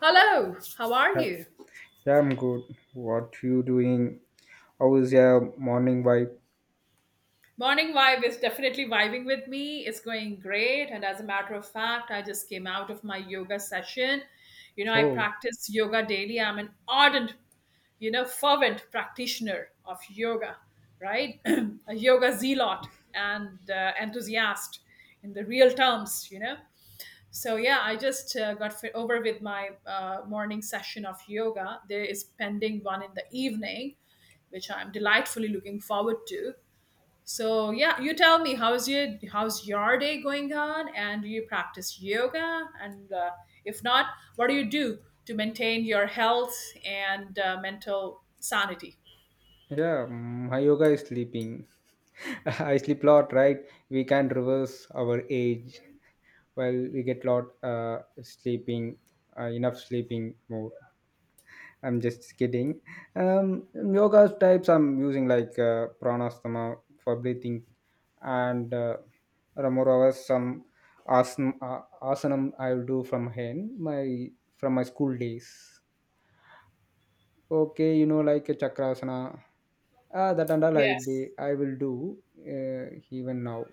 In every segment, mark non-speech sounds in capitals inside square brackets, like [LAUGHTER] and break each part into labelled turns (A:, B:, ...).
A: Hello, how are
B: Ha-
A: you?
B: Yeah, I'm good. What you doing? How is your morning vibe?
A: Morning vibe is definitely vibing with me. It's going great. And as a matter of fact, I just came out of my yoga session. You know, I
B: Oh,
A: practice yoga daily. I'm an ardent, fervent practitioner of yoga, right? [CLEARS THROAT] A yoga zealot and enthusiast in the real terms. So yeah, I just got fit over with my morning session of yoga. There is pending one in the evening, which I'm delightfully looking forward to. So yeah, you tell me how's your day going on, and do you practice yoga? And if not, what do you do to maintain your health and mental sanity?
B: yeah, my yoga is sleeping. [LAUGHS] I sleep lot, right? We can reverse our age. Well, we get lot sleeping, enough sleeping more. I'm just kidding. Yoga types I'm using like pranasama for breathing, and Ramorava some asanam I'll do from my school days. Okay, like a Chakrasana, that and all I
A: Yes.
B: did, I will do even now.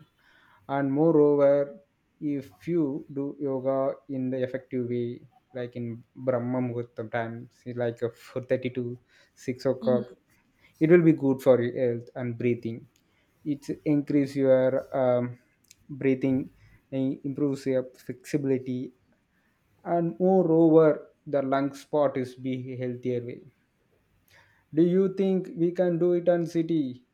B: And moreover, if you do yoga in the effective way, like in Brahma Muhurtam time, like 4:30 to 6 o'clock,
A: Mhm.
B: it will be good for your health and breathing. It increase your um, breathing, and improves your flexibility, and moreover, the lung spot is be healthier way. Do you think we can do it on city,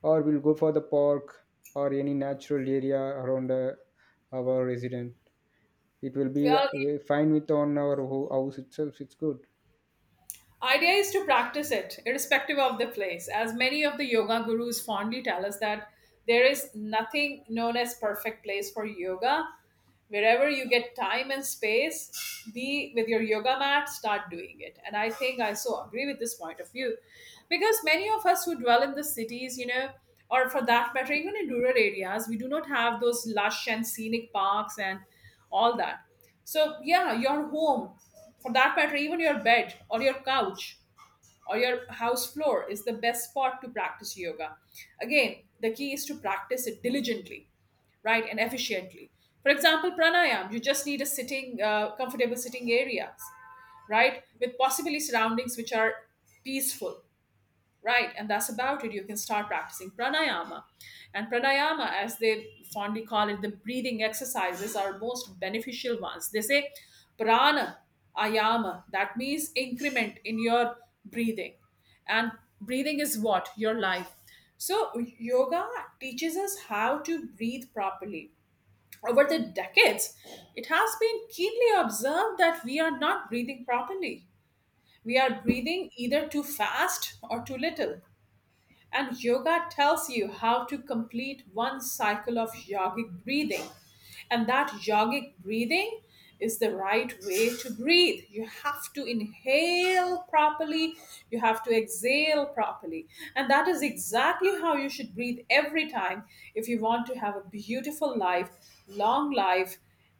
B: or we'll go for the park or any natural area around our resident? It will be
A: Well,
B: fine with on our house itself. It's good.
A: idea is to practice it, irrespective of the place, as many of the yoga gurus fondly tell us that there is nothing known as perfect place for yoga. Wherever you get time and space, be with your yoga mat, start doing it. And I think I so agree with this point of view, because many of us who dwell in the cities, or for that matter even in rural areas, we do not have those lush and scenic parks and all that. So yeah, your home, for that matter even your bed or your couch or your house floor, is the best spot to practice yoga. Again, the key is to practice it diligently, right, and efficiently. For example, pranayam, you just need a comfortable sitting area, right, with possibly surroundings which are peaceful. Right, and that's about it. You can start practicing pranayama. And pranayama, as they fondly call it, the breathing exercises are most beneficial ones. They say prana ayama, that means increment in your breathing. And breathing is what? Your life. So, yoga teaches us how to breathe properly. Over the decades, it has been keenly observed that we are not breathing properly. We are breathing either too fast or too little, and yoga tells you how to complete one cycle of yogic breathing. And that yogic breathing is the right way to breathe. You have to inhale properly, you have to exhale properly. And that is exactly how you should breathe every time if you want to have a beautiful life, long life,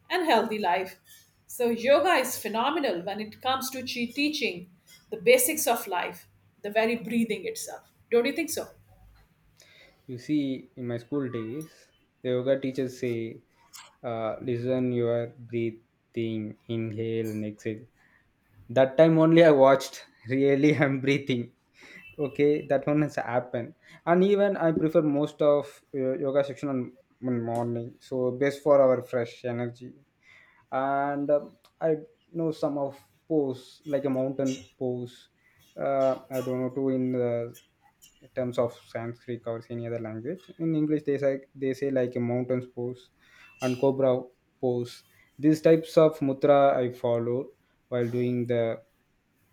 A: and healthy life. So, yoga is phenomenal when it comes to teaching the basics of life, the very breathing itself. Don't you think so?
B: You see, in my school days, the yoga teachers say, "Listen your breathing, inhale and exhale." That time only I watched. [LAUGHS] Really, I'm breathing. Okay, that one has happened, and even I prefer most of yoga section on morning, so best for our fresh energy. And I know some of pose like a mountain pose, I don't know too in terms of Sanskrit or any other language. In English, they say like a mountain's pose and cobra pose. These types of mudra I follow while doing the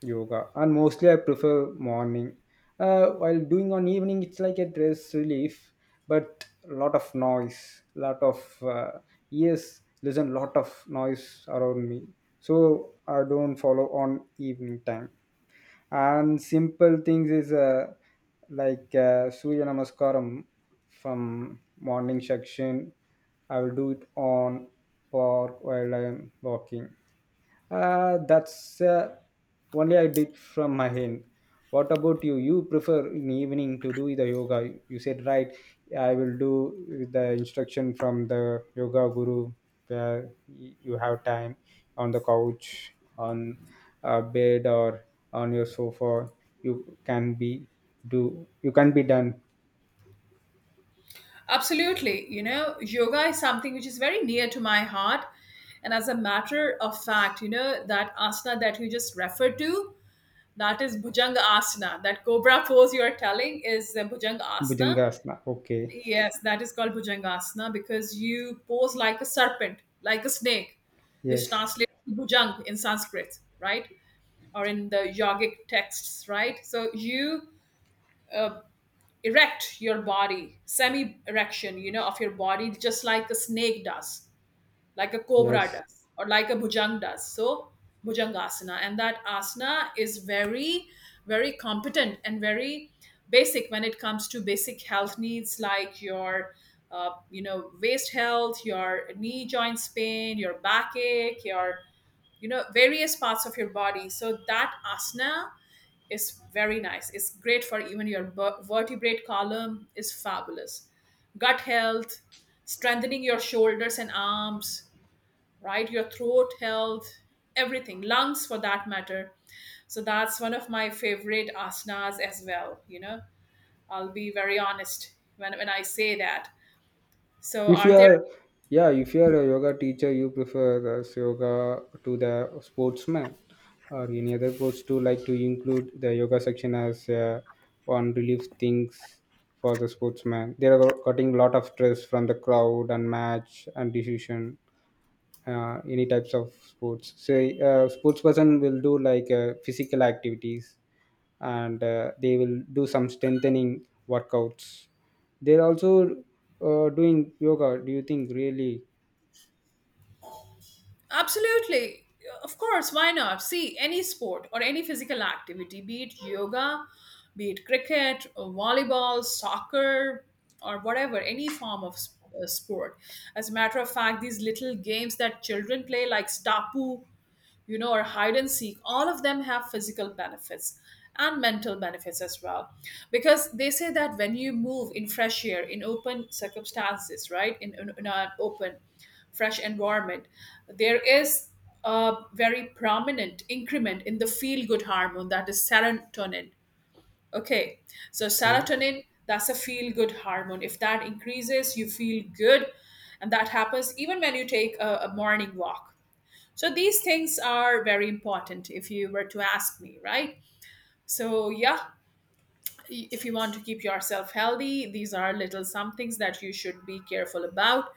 B: yoga, and mostly I prefer morning. While doing on evening, it's like a stress relief, but a lot of noise, lot of ears listen, lot of noise around me. So I don't follow on evening time, and simple things is like surya namaskaram from morning section. I will do it on park while I am walking. That's only I did from my end. What about you? You prefer in evening to do the yoga. You said right. I will do with the instruction from the yoga guru. Where you have time on the couch, on a bed, or on your sofa. You can be do. You can be done.
A: Absolutely. You know, yoga is something which is very near to my heart. And as a matter of fact, you know, that asana that you just referred to, that is Bhujanga Asana. That cobra pose you are telling is Bhujanga Asana.
B: Bhujangasana. Okay.
A: Yes, that is called Bhujangasana because you pose like a serpent, like a snake, which
B: Yes.
A: translates to Bhujang in Sanskrit, right? Or in the yogic texts, right? So you uh, erect your body, semi erection, of your body, just like a snake does, like a cobra
B: Yes.
A: does, or like a bhujang does. So bhujangasana, and that asana is very, very competent and very basic when it comes to basic health needs like your waist health, your knee joints pain, your backache, your various parts of your body. So that asana is very nice. It's great for even your vertebrate column is fabulous. Gut health, strengthening your shoulders and arms, right? Your throat health, everything, lungs for that matter. So that's one of my favorite asanas as well. You know, I'll be very honest when I say that. So,
B: if you
A: are there?
B: are yeah if you are a yoga teacher, you prefer this yoga to the sportsman or any other post to like to include the yoga section as one relief things for the sportsman. They are cutting lot of stress from the crowd and match and decision. Any types of sports. Say, sports person will do like physical activities, and they will do some strengthening workouts. They're also doing yoga. Do you think really?
A: Absolutely, of course, why not? See, any sport or any physical activity, be it yoga, be it cricket, or volleyball, soccer, or whatever, any form of sport. As a matter of fact, these little games that children play, like Stapu, or hide and seek, all of them have physical benefits and mental benefits as well. Because they say that when you move in fresh air, in open circumstances, right, in an open, fresh environment, there is a very prominent increment in the feel good hormone, that is serotonin. Okay, so
B: Okay.
A: serotonin, that's a feel good hormone. If that increases, you feel good. And that happens even when you take a morning walk, so these things are very important if you were to ask me, right? So, yeah, if you want to keep yourself healthy, these are little some things that you should be careful about.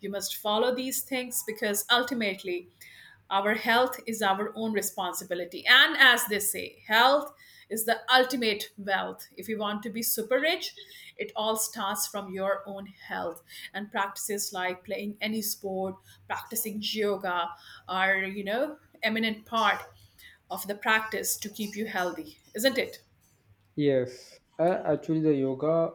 A: You must follow these things because ultimately our health is our own responsibility. And as they say, health is the ultimate wealth. If you want to be super rich, it all starts from your own health, and practices like playing any sport, practicing yoga are, eminent part of the practice to keep you healthy, isn't it?
B: Yes, actually, the yoga,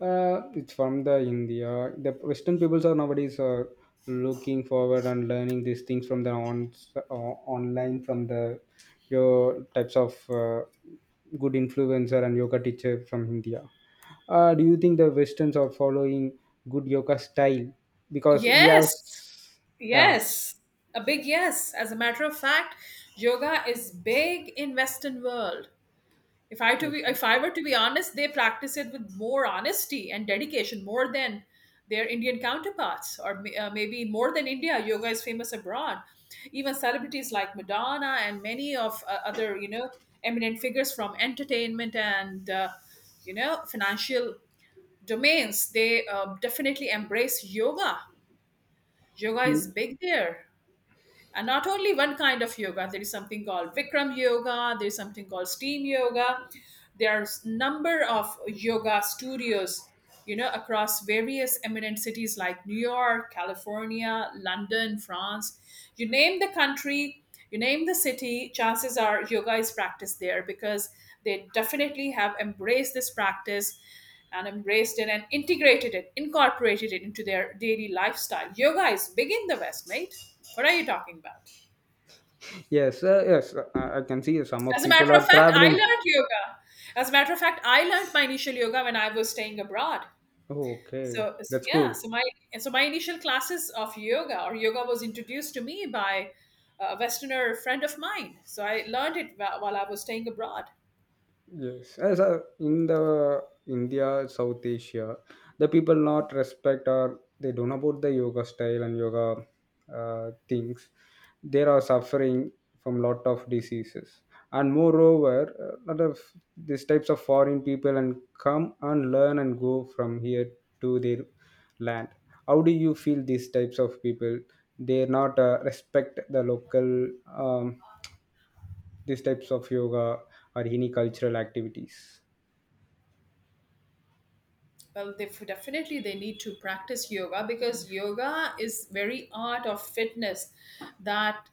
B: it's from the India. The Western peoples are nowadays looking forward and learning these things from the on online from the your types of good influencer and yoga teacher from India. Do you think the Westerns are following good yoga style? Because we have,
A: Yes,
B: yeah,
A: yes, a big yes. As a matter of fact, yoga is big in Western world. If I to be,
B: okay.
A: if I were to be honest, they practice it with more honesty and dedication, more than their Indian counterparts, or maybe more than India. Yoga is famous abroad. Even celebrities like Madonna and many of other, you know, eminent figures from entertainment and financial domains, they definitely embrace yoga. Yoga is
B: Mm.
A: big there, and not only one kind of yoga. There is something called vikram yoga, there is something called steam yoga. There are number of yoga studios, across various eminent cities like New York, California, London, France. You name the country, you name the city, chances are yoga is practiced there, because they definitely have embraced this practice, and embraced it, and integrated it, incorporated it into their daily lifestyle. Yoga is big in the West, mate. What are you talking about?
B: Yes, I can see some of
A: As a
B: people
A: matter of
B: are
A: fact, I
B: traveling.
A: learned yoga. As a matter of fact, I learned my initial yoga when I was staying abroad.
B: Oh, okay,
A: So
B: that's
A: yeah,
B: cool.
A: so my initial classes of yoga or yoga was introduced to me by a Westerner friend of mine. So I learned it while I was staying abroad.
B: Yes, as in the India, South Asia, the people not respect or they don't know about the yoga style and yoga things. They are suffering from lot of diseases, and moreover, a lot of these types of foreign people and come and learn and go from here to their land. How do you feel these types of people? They not respect the local these types of yoga or any cultural activities.
A: Well, they need to practice yoga, because yoga is very art of fitness that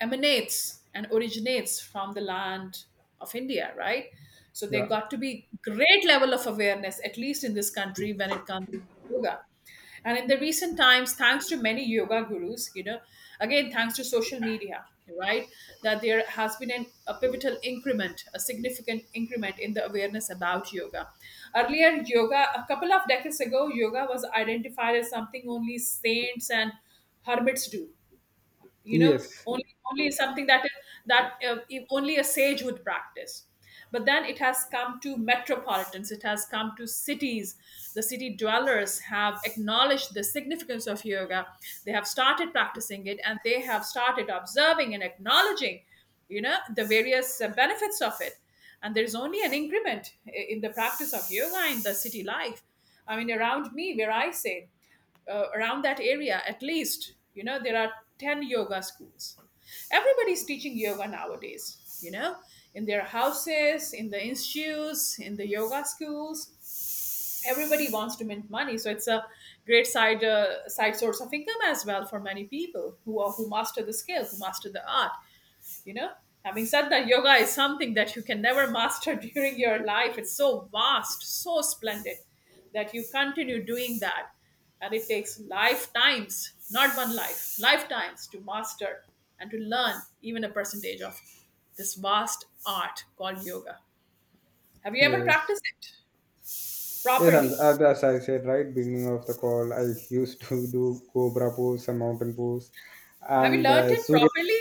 A: emanates and originates from the land of India, right? So there
B: Yeah.
A: got to be great level of awareness, at least in this country, when it comes to yoga. And in the recent times, thanks to many yoga gurus, you know, again, thanks to social media, right, that there has been a pivotal increment, a significant increment in the awareness about yoga. Earlier, yoga, a couple of decades ago, yoga was identified as something only saints and hermits do, you know
B: Yes. Yes.
A: only something that is, that, if only a sage would practice. But then it has come to metropolitans, it has come to cities. The city dwellers have acknowledged the significance of yoga, they have started practicing it, and they have started observing and acknowledging, the various benefits of it. And there's only an increment in the practice of yoga in the city life. I mean, around me where I say, around that area, at least there are 10 yoga schools. Everybody's teaching yoga nowadays, in their houses, in the institutes, in the yoga schools. Everybody wants to mint money, so it's a great side source of income as well for many people who master the skill, who master the art you know Having said that, yoga is something that you can never master [LAUGHS] during your life. It's so vast, so splendid, that you continue doing that. And it takes lifetimes, not one life, lifetimes to master and to learn even a percentage of this vast art called yoga. Have you ever
B: Yes,
A: practiced it
B: and
A: properly?
B: and as I said right beginning of the call, I used to do cobra pose, some mountain pose,
A: Have you
B: and
A: learned it
B: Surya.
A: properly?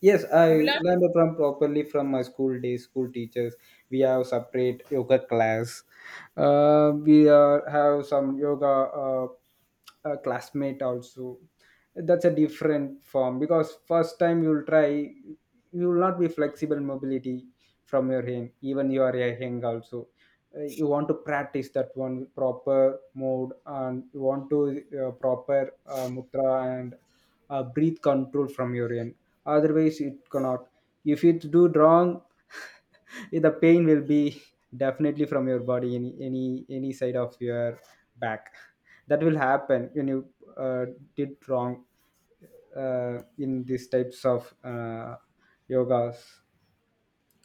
B: Yes,
A: Have you
B: I
A: learned it?
B: learned from properly from my school days, school teachers. We have separate yoga class. We are, have some yoga, uh, classmate also. That's a different form because first time you'll try, you will not be flexible mobility from your hand. Even you are a hang also, you want to practice that one proper mode, and you want to proper mudra and breathe control from your end. Otherwise it cannot if you do wrong [LAUGHS] the pain will be definitely from your body any side of your back [LAUGHS] that will happen when you uh, did wrong in these types of yogas.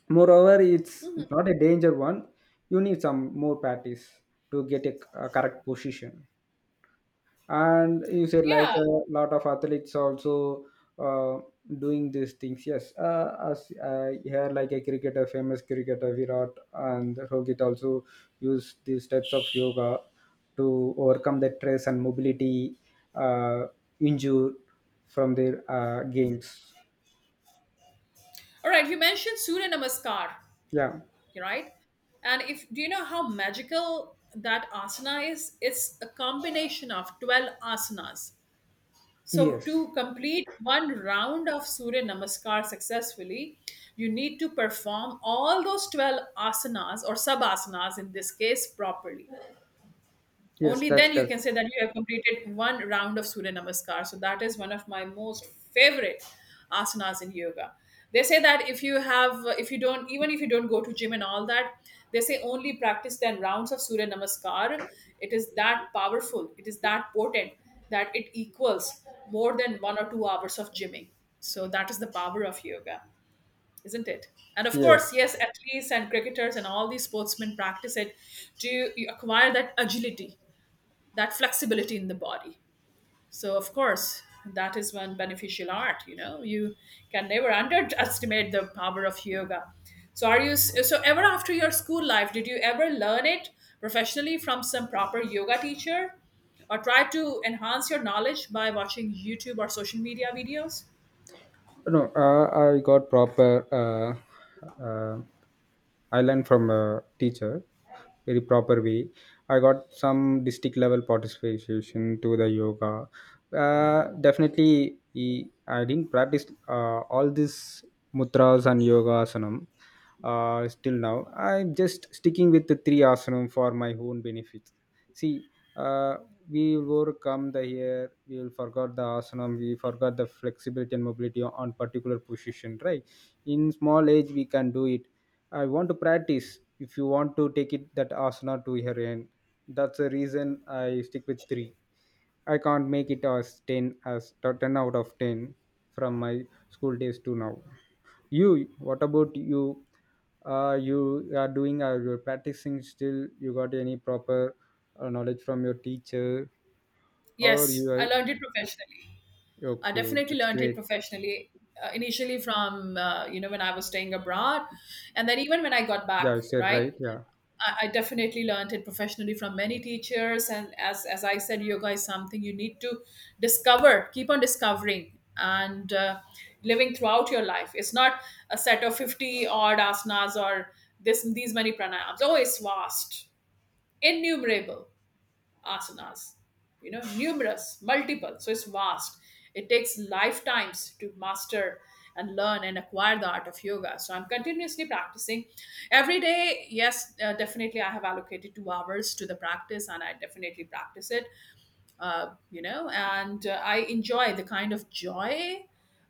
B: Moreover, it's not a danger one. You need some more practice to get a correct position. And you said like
A: Yeah,
B: a lot of athletes also uh, doing these things. Yes, as here like a cricketer, famous cricketer Virat and Rohit also use these types of yoga to overcome the stress and mobility uh, injury from their games.
A: all right, you mentioned Surya Namaskar,
B: Yeah.
A: right? And if do you know how magical that asana is? It's a combination of 12 asanas. So
B: Yes.
A: to complete one round of Surya Namaskar successfully, you need to perform all those 12 asanas or sub asanas in this case properly.
B: Yes,
A: Only
B: that's
A: then you
B: correct.
A: can say that you have completed one round of Surya Namaskar. So that is one of my most favorite asanas in yoga. They say that if you don't, even if you don't go to gym and all that, they say only practice 10 rounds of Surya Namaskar. It is that powerful, it is that potent that it equals more than 1 or 2 hours of gymming. So that is the power of yoga, isn't it? And of
B: Yes.
A: course, yes, athletes and cricketers and all these sportsmen practice it to acquire that agility, that flexibility in the body. So of course, that is one beneficial art. You know, you can never underestimate the power of yoga. So are you, so ever after your school life, did you ever learn it professionally from some proper yoga teacher, or try to enhance your knowledge by watching YouTube or social media videos?
B: No, I got proper I learned from a teacher very proper way. I got some district level participation to the yoga. Definitely, I didn't practice all these mudras and yoga asanam still now. I'm just sticking with the three asanam for my own benefit. See, uh, we will overcome the air, we will forgot the asanam, we forgot the flexibility and mobility on particular position, right? In small age, we can do it. I want to practice. If you want to take it that asana to your end, that's the reason I stick with three. I can't make it as ten out of ten from my school days to now. You, what about you? You are doing or you're practicing still? You got any proper knowledge from your teacher? Or you
A: Yes, I
B: are
A: learned it professionally. I
B: okay?
A: definitely
B: That's
A: learned it
B: great.
A: professionally, initially from you know, when I was staying abroad, and then even when I got back,
B: Yeah, you said
A: right?
B: right. Yeah.
A: I definitely learned it professionally from many teachers, and as I said, yoga is something you need to discover, keep on discovering, and living throughout your life. It's not a set of 50 odd asanas or this these many pranayams. Oh, it's vast, innumerable asanas, you know, numerous, multiple. So it's vast. It takes lifetimes to master and learn and acquire the art of yoga. So I'm continuously practicing every day. Yes, definitely, I have allocated 2 hours to the practice and I definitely practice it, and I enjoy the kind of joy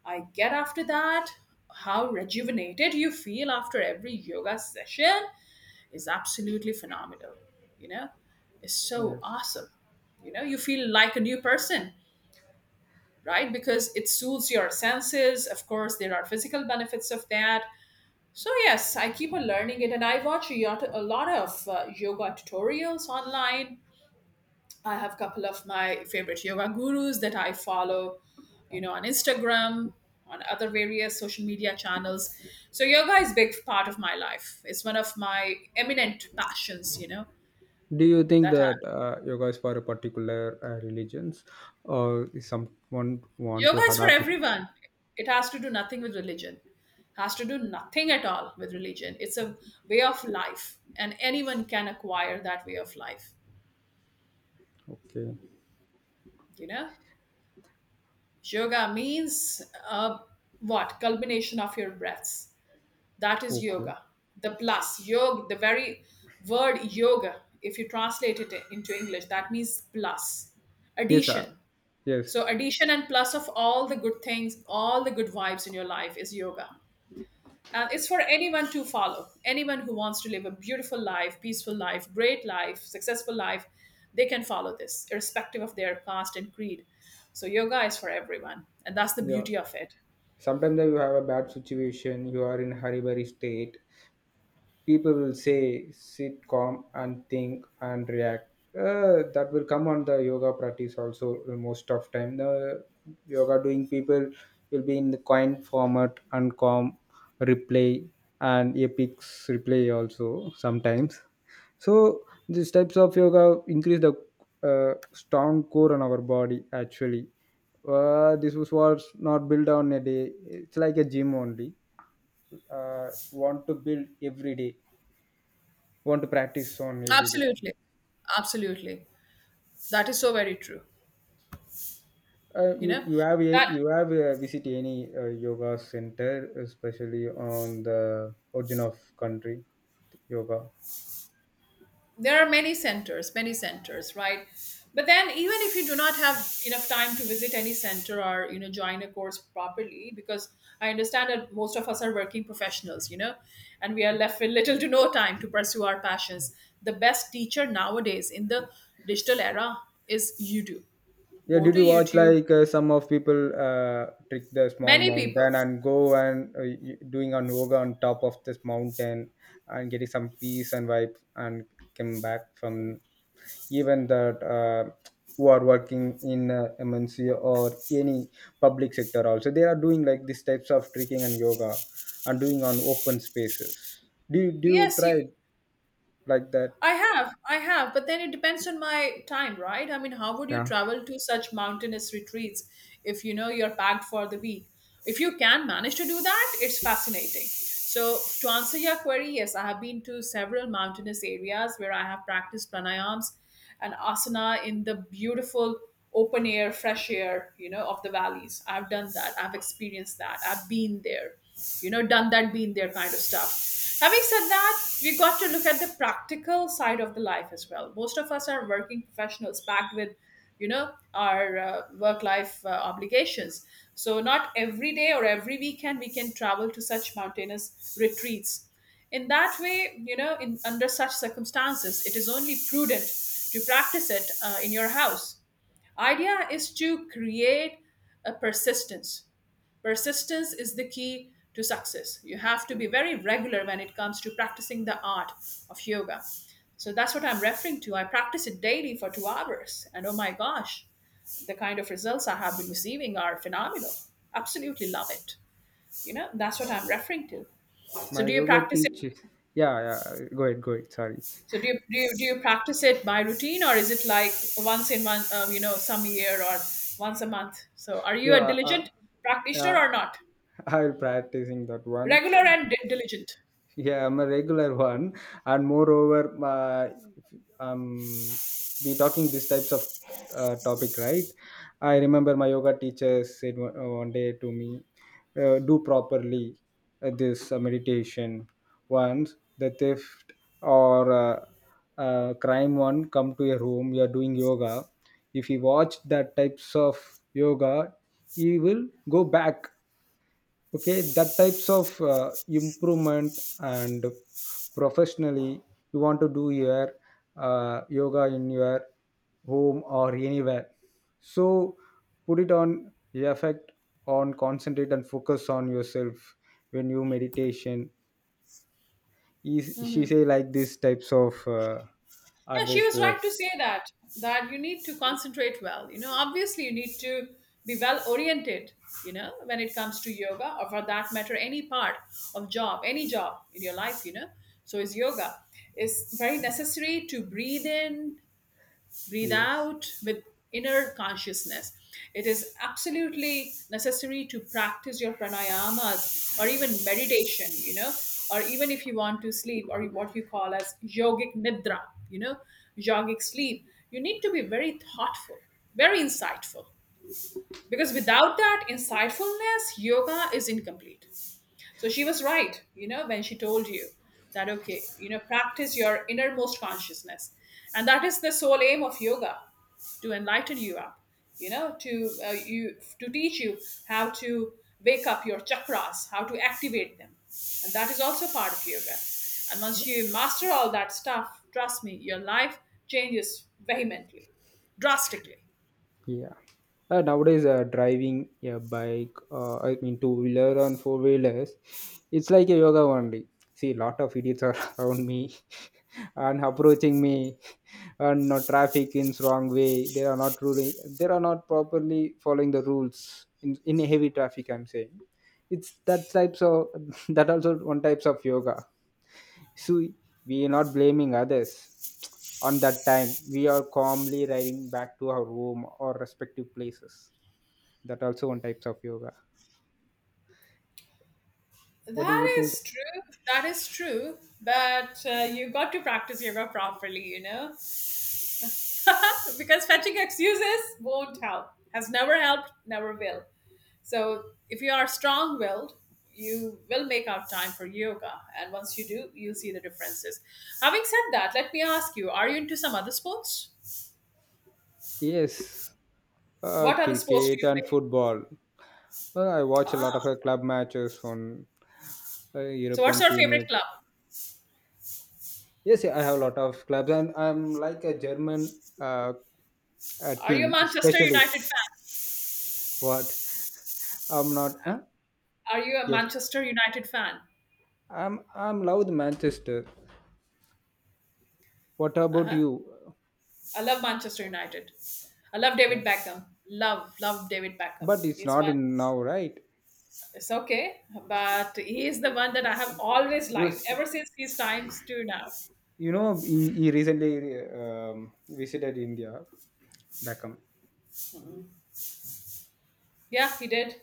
A: I get after that, how rejuvenated you feel after every yoga session is absolutely phenomenal. You know, it's so
B: Yes.
A: awesome. You know, you feel like a new person, right? Because it soothes your senses. Of course, there are physical benefits of that. So yes, I keep on learning it, and I watch a lot of yoga tutorials online. I have a couple of my favorite yoga gurus that I follow, you know, on Instagram, on other various social media channels. So yoga is a big part of my life. It's one of my eminent passions, you know.
B: Do you think
A: That I,
B: that yoga is for a particular religions, or is someone want to
A: yoga is for
B: adapt?
A: everyone. It has to do nothing with religion. Has to do nothing at all with religion. It's a way of life, and anyone can acquire that way of life.
B: Okay.
A: You know, yoga means uh, what? Culmination of your breaths. That is
B: Okay.
A: yoga. The plus yoga, the very word yoga. If you translate it into English, that means plus,
B: Yes, sir.
A: addition.
B: Yes.
A: So addition and plus of all the good things, all the good vibes in your life is yoga. It's for anyone to follow. Anyone who wants to live a beautiful life, peaceful life, great life, successful life, they can follow this, irrespective of their caste and creed. So, yoga is for everyone. And that's the
B: Yeah,
A: beauty of it.
B: sometimes you have a bad situation, you are in a hurry very state. People will say sit calm and think and react. That will come on the yoga practice also. Most of time the yoga doing people will be in the coin format and calm replay, and epics replay also sometimes. So these types of yoga increase the strong core on our body, actually. This was not built on a day. It's like a gym only. Want to build every day, want to practice on every day.
A: Absolutely. Absolutely. That is so very true.
B: Uh,
A: You
B: you
A: know,
B: you have a,
A: that
B: you have visit any yoga center, especially on the origin of country yoga.
A: there are many centers, many centers, right? But then, even if you do not have enough time to visit any center or, you know, join a course properly, because I understand that most of us are working professionals, you know, and we are left with little to no time to pursue our passions. The best teacher nowadays in the digital era is YouTube.
B: Yeah,
A: Go
B: did
A: to
B: you watch
A: YouTube.
B: like some of people trick the small
A: Many people,
B: mountain and go and doing an yoga on top of this mountain and getting some peace and vibe, and came back from. Even that, who are working in MNC or any public sector also, they are doing like these types of trekking and yoga and doing on open spaces. Do you
A: yes
B: try
A: you,
B: like that?
A: I have, but then it depends on my time, right? I mean, how would you
B: Yeah,
A: travel to such mountainous retreats if, you know, you're packed for the week? If you can manage to do that, it's fascinating. So, to answer your query, yes, I have been to several mountainous areas where I have practiced pranayams and asana in the beautiful open air, fresh air, you know, of the valleys. I've done that. I've experienced that. I've been there, you know, done that, been there kind of stuff. Having said that, we've got to look at the practical side of the life as well. Most of us are working professionals packed with, you know, our work life obligations. So, not every day or every weekend we can travel to such mountainous retreats. In that way, you know, in under such circumstances, it is only prudent to practice it in your house. Idea is to create a persistence. Persistence is the key to success. You have to be very regular when it comes to practicing the art of yoga. So that's what I'm referring to. I practice it daily for 2 hours, and oh my gosh, the kind of results I have been receiving are phenomenal. Absolutely love it. You know, that's what I'm referring to. So,
B: my
A: do you
B: yoga
A: practice it?
B: teaches. Yeah, yeah. Go ahead, go ahead. Sorry.
A: So do you practice it by routine, or is it like once in one you know, some year or once a month? So are you a
B: Yeah
A: diligent practitioner
B: uh,
A: or not?
B: I'll practicing that one.
A: Regular and diligent.
B: Yeah, I'm a regular [LAUGHS] one, and moreover, my um, we talking these types of topic, right? I remember my yoga teacher said one day to me, "Do properly this meditation. Once the theft or crime one come to your room, you are doing yoga. If he watch that types of yoga, he will go back. Okay, that types of improvement and professionally you want to do your yoga in your home or anywhere, so put it on effect on concentrate and focus on yourself when you meditation is. She say like these types of
A: Yeah, she
B: advice
A: was
B: to
A: right
B: us.
A: to say that that you need to concentrate well. You know, obviously you need to be well oriented. You know, when it comes to yoga or for that matter, any part of job, any job in your life. You know, so is yoga. It's very necessary to breathe in, breathe
B: Yes.
A: out with inner consciousness. It is absolutely necessary to practice your pranayamas or even meditation, you know, or even if you want to sleep or what you call as yogic nidra, you know, yogic sleep. You need to be very thoughtful, very insightful, because without that insightfulness, yoga is incomplete. So she was right, you know, when she told you that, okay, you know, practice your innermost consciousness. And that is the sole aim of yoga, to enlighten you up, you know, to, you, to teach you how to wake up your chakras, how to activate them. And that is also part of yoga. And once you master all that stuff, trust me, your life changes vehemently, drastically.
B: Yeah. Nowadays, driving a bike, I mean two wheeler and four wheelers, it's like a yoga only. See, lot of idiots are [LAUGHS] around me [LAUGHS] and approaching me, and traffic in wrong way. They are not ruling, they are not properly following the rules in heavy traffic, I'm saying. It's that types of [LAUGHS] that also one types of yoga. So we are not blaming others. On that time we are calmly riding back to our home or respective places. That also one types of yoga. What do you
A: That
B: think?
A: is true. That is true. But you got to practice yoga properly, you know. [LAUGHS] Because fetching excuses won't help, has never helped, never will. So if you are strong willed, you will make out time for yoga, and once you do, you'll see the differences. Having said that, let me ask you, are you into some other sports?
B: Yes, uh,
A: What other sports do
B: cricket
A: you
B: and
A: play?
B: football. Well, I watch a lot of
A: Ah,
B: club matches on
A: so what's
B: European
A: your favorite
B: Premier.
A: club?
B: Yes, I have a lot of clubs, and I'm like a German
A: Are you a
B: team,
A: Manchester
B: especially.
A: United fan?
B: What? I'm not. Huh?
A: Are you a
B: Yes,
A: Manchester United fan?
B: I'm. I'm love the Manchester. What about
A: Uh-huh.
B: you?
A: I love Manchester United. I love
B: Yeah,
A: David Beckham. Love David
B: but
A: Beckham.
B: it's
A: He's
B: not
A: one.
B: in now, right?
A: It's okay, but he is the one that I have always liked
B: Yes,
A: ever since his times to now.
B: you know he recently visited India. Beckham.
A: Yeah, he did.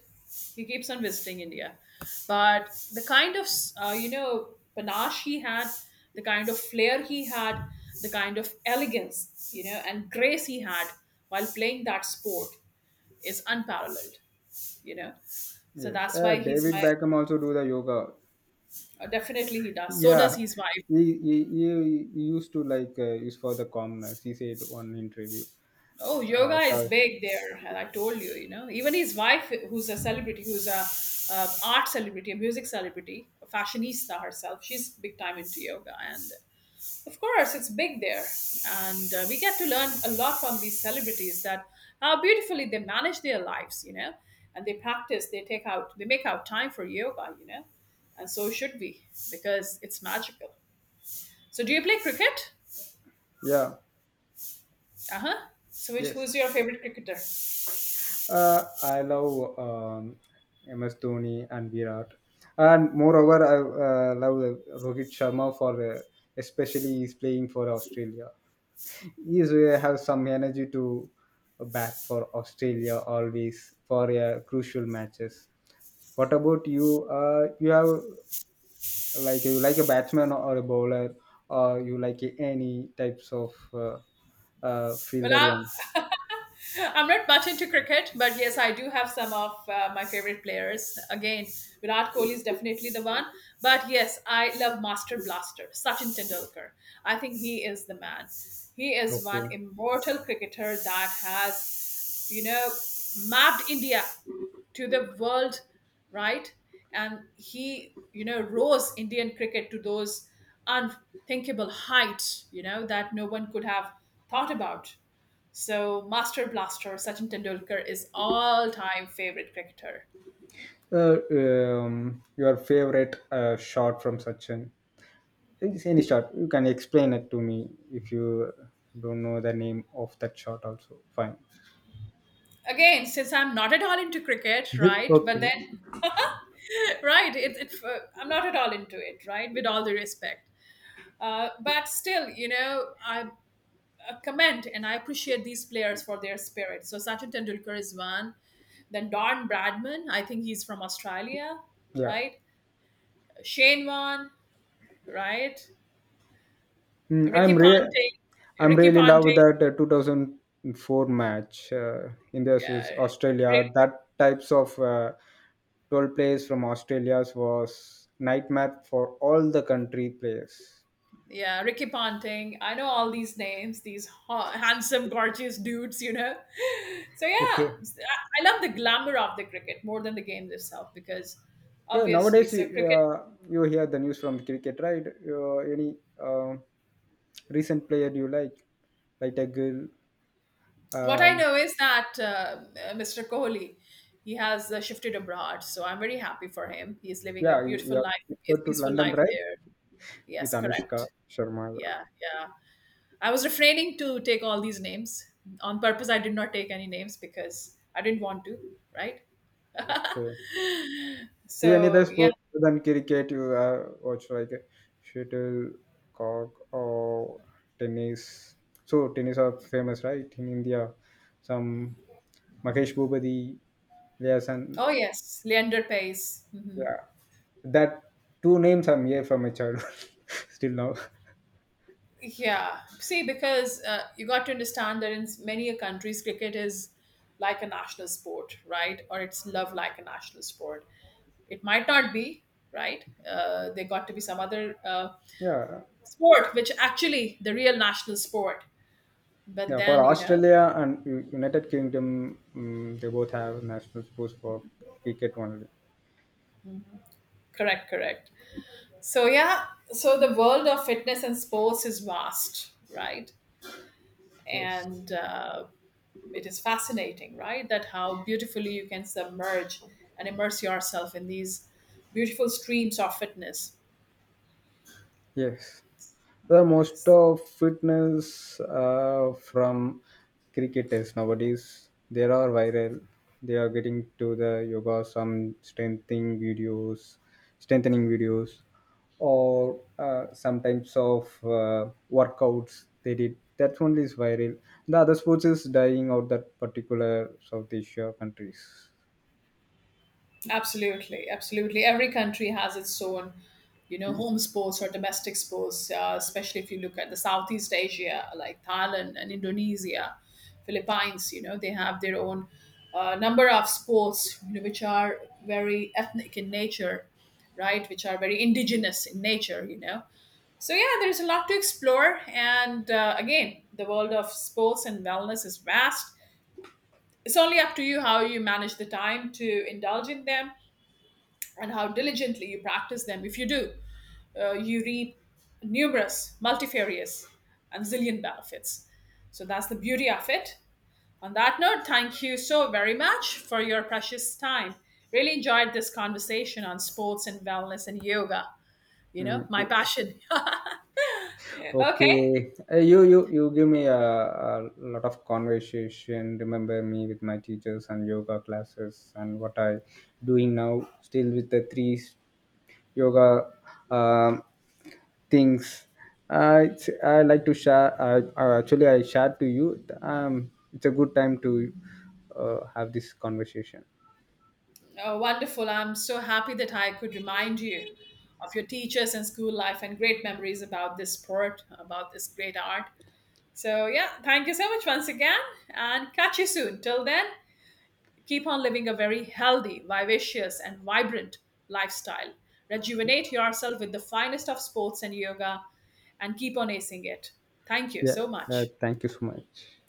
A: He keeps on visiting India, but the kind of you know, panache he had, the kind of flair he had, the kind of elegance, you know, and grace he had while playing that sport is unparalleled. You know, so
B: Yes,
A: that's why he's
B: David
A: my
B: Beckham also do the yoga.
A: definitely he does. So does
B: Yeah,
A: his wife.
B: he used to like use for the calmness. He said one interview.
A: Oh, yoga
B: I
A: is
B: saw.
A: big there. And I told you, you know, even his wife, who's a celebrity, who's a, art celebrity, a music celebrity, a fashionista herself, she's big time into yoga. And of course, it's big there. And we get to learn a lot from these celebrities, that how beautifully they manage their lives, you know, and they practice, they take out, they make out time for yoga, you know, and so should we, because it's magical. So, do you play cricket?
B: Yeah,
A: Uh huh. So, which, who's
B: yes.
A: your favorite cricketer?
B: I love MS Dhoni and Virat, and moreover, I love Rohit Sharma for, especially he's playing for Australia. He is, have some energy to bat for Australia always for crucial matches. What about you? You have like you like a batsman or a bowler, or you like any types of
A: Well,
B: fielder
A: I,
B: one?
A: I'm not much into cricket, but yes, I do have some of my favorite players. Again, Virat Kohli is definitely the one. But yes, I love Master Blaster, Sachin Tendulkar. I think he is the man. He is one
B: Okay.
A: immortal cricketer that has, you know, mapped India to the world, right? And he, you know, rose Indian cricket to those unthinkable heights, you know, that no one could have thought about. So Master Blaster Sachin Tendulkar is all-time favorite cricketer.
B: Your favorite shot from Sachin? It's any shot, you can explain it to me if you don't know the name of that shot. Also, fine.
A: Again, since I'm not at all into cricket, right? But
B: [LAUGHS] Okay,
A: then, [LAUGHS] right, I'm not at all into it, right? With all the respect, but still, you know, I commend and I appreciate these players for their spirit. So Sachin Tendulkar is one. Then Don Bradman, I think he's from Australia,
B: yeah.
A: right? Shane Warne, right?
B: Mm,
A: Ricky
B: I'm real.
A: Ponting,
B: I'm
A: Ricky
B: really love
A: Ponting,
B: that 2004 match, India
A: uh,
B: versus Australia. That types of 12 players from Australia was nightmare for all the country players.
A: yeah, Ricky Ponting. I know all these names, these handsome, gorgeous dudes, you know. [LAUGHS] So
B: Okay.
A: I love the glamour of the cricket more than the game itself, because
B: Yeah,
A: obviously,
B: nowadays
A: so cricket.
B: you hear the news from cricket, right? Any recent player you like a girl.
A: What I
B: Um,
A: know is that Mr. Kohli, he has shifted abroad, so I'm very happy for him. He's living a
B: yeah, you
A: beautiful
B: have
A: life, a
B: referred to
A: peaceful
B: London,
A: life
B: right?
A: there.
B: With
A: Yes,
B: Anushka
A: correct.
B: Sharma, yeah.
A: Yeah, yeah. I was refraining to take all these names on purpose. I did not take any names because I didn't want to, right?
B: Okay. Yeah, any other
A: So yeah.
B: sport than cricket you watch like shuttlecock or tennis. So tennis are famous, right? In India, some Mahesh Bhupathi, there's an...
A: Oh yes, Leander Pace. Mhm.
B: Yeah. That two names I'm here from my childhood [LAUGHS] still now.
A: Yeah. See, because you got to understand that in many countries, cricket is like a national sport, right? Or it's loved like a national sport. It might not be, right? There got to be some other
B: Yeah,
A: sport, which actually the real national sport. But
B: yeah. For
A: then, you know,
B: Australia and United Kingdom, mm, they both have national sports for cricket only.
A: correct, correct. So yeah, so the world of fitness and sports is vast, right?
B: Yes,
A: And it is fascinating, right? That how beautifully you can submerge and immerse yourself in these beautiful streams of fitness.
B: yes. The most of fitness from cricketers nowadays they are viral. They are getting to the yoga, some strengthening videos, or some types of workouts they did. That only is viral. The other sports is dying out that particular South Asia countries.
A: Absolutely, absolutely. Every country has its own, you know, home sports or domestic sports. Especially if you look at the Southeast Asia, like Thailand and Indonesia, Philippines. You know, they have their own number of sports, you know, which are very ethnic in nature, right? Which are very indigenous in nature. You know, so, yeah, there's a lot to explore. And again, the world of sports and wellness is vast. It's only up to you how you manage the time to indulge in them and how diligently you practice them. If you do, you reap numerous, multifarious, and zillion benefits. So, that's the beauty of it. On that note, thank you so very much for your precious time. Really enjoyed this conversation on sports and wellness and yoga. You know,
B: Mm,
A: my
B: yeah.
A: passion. [LAUGHS] Okay.
B: Okay, you give me a lot of conversation. Remember me with my teachers and yoga classes and what I doing now. Still with the three yoga, um, things. I I like to share. I actually, I shared to you. It's a good time to have this conversation.
A: Oh, wonderful. I'm so happy that I could remind you of your teachers and school life and great memories about this sport, about this great art. So, yeah, thank you so much once again and catch you soon. Till then, keep on living a very healthy, vivacious, and vibrant lifestyle. Rejuvenate yourself with the finest of sports and yoga and keep on acing it. Thank you
B: Yeah.
A: so much.
B: Thank you so much.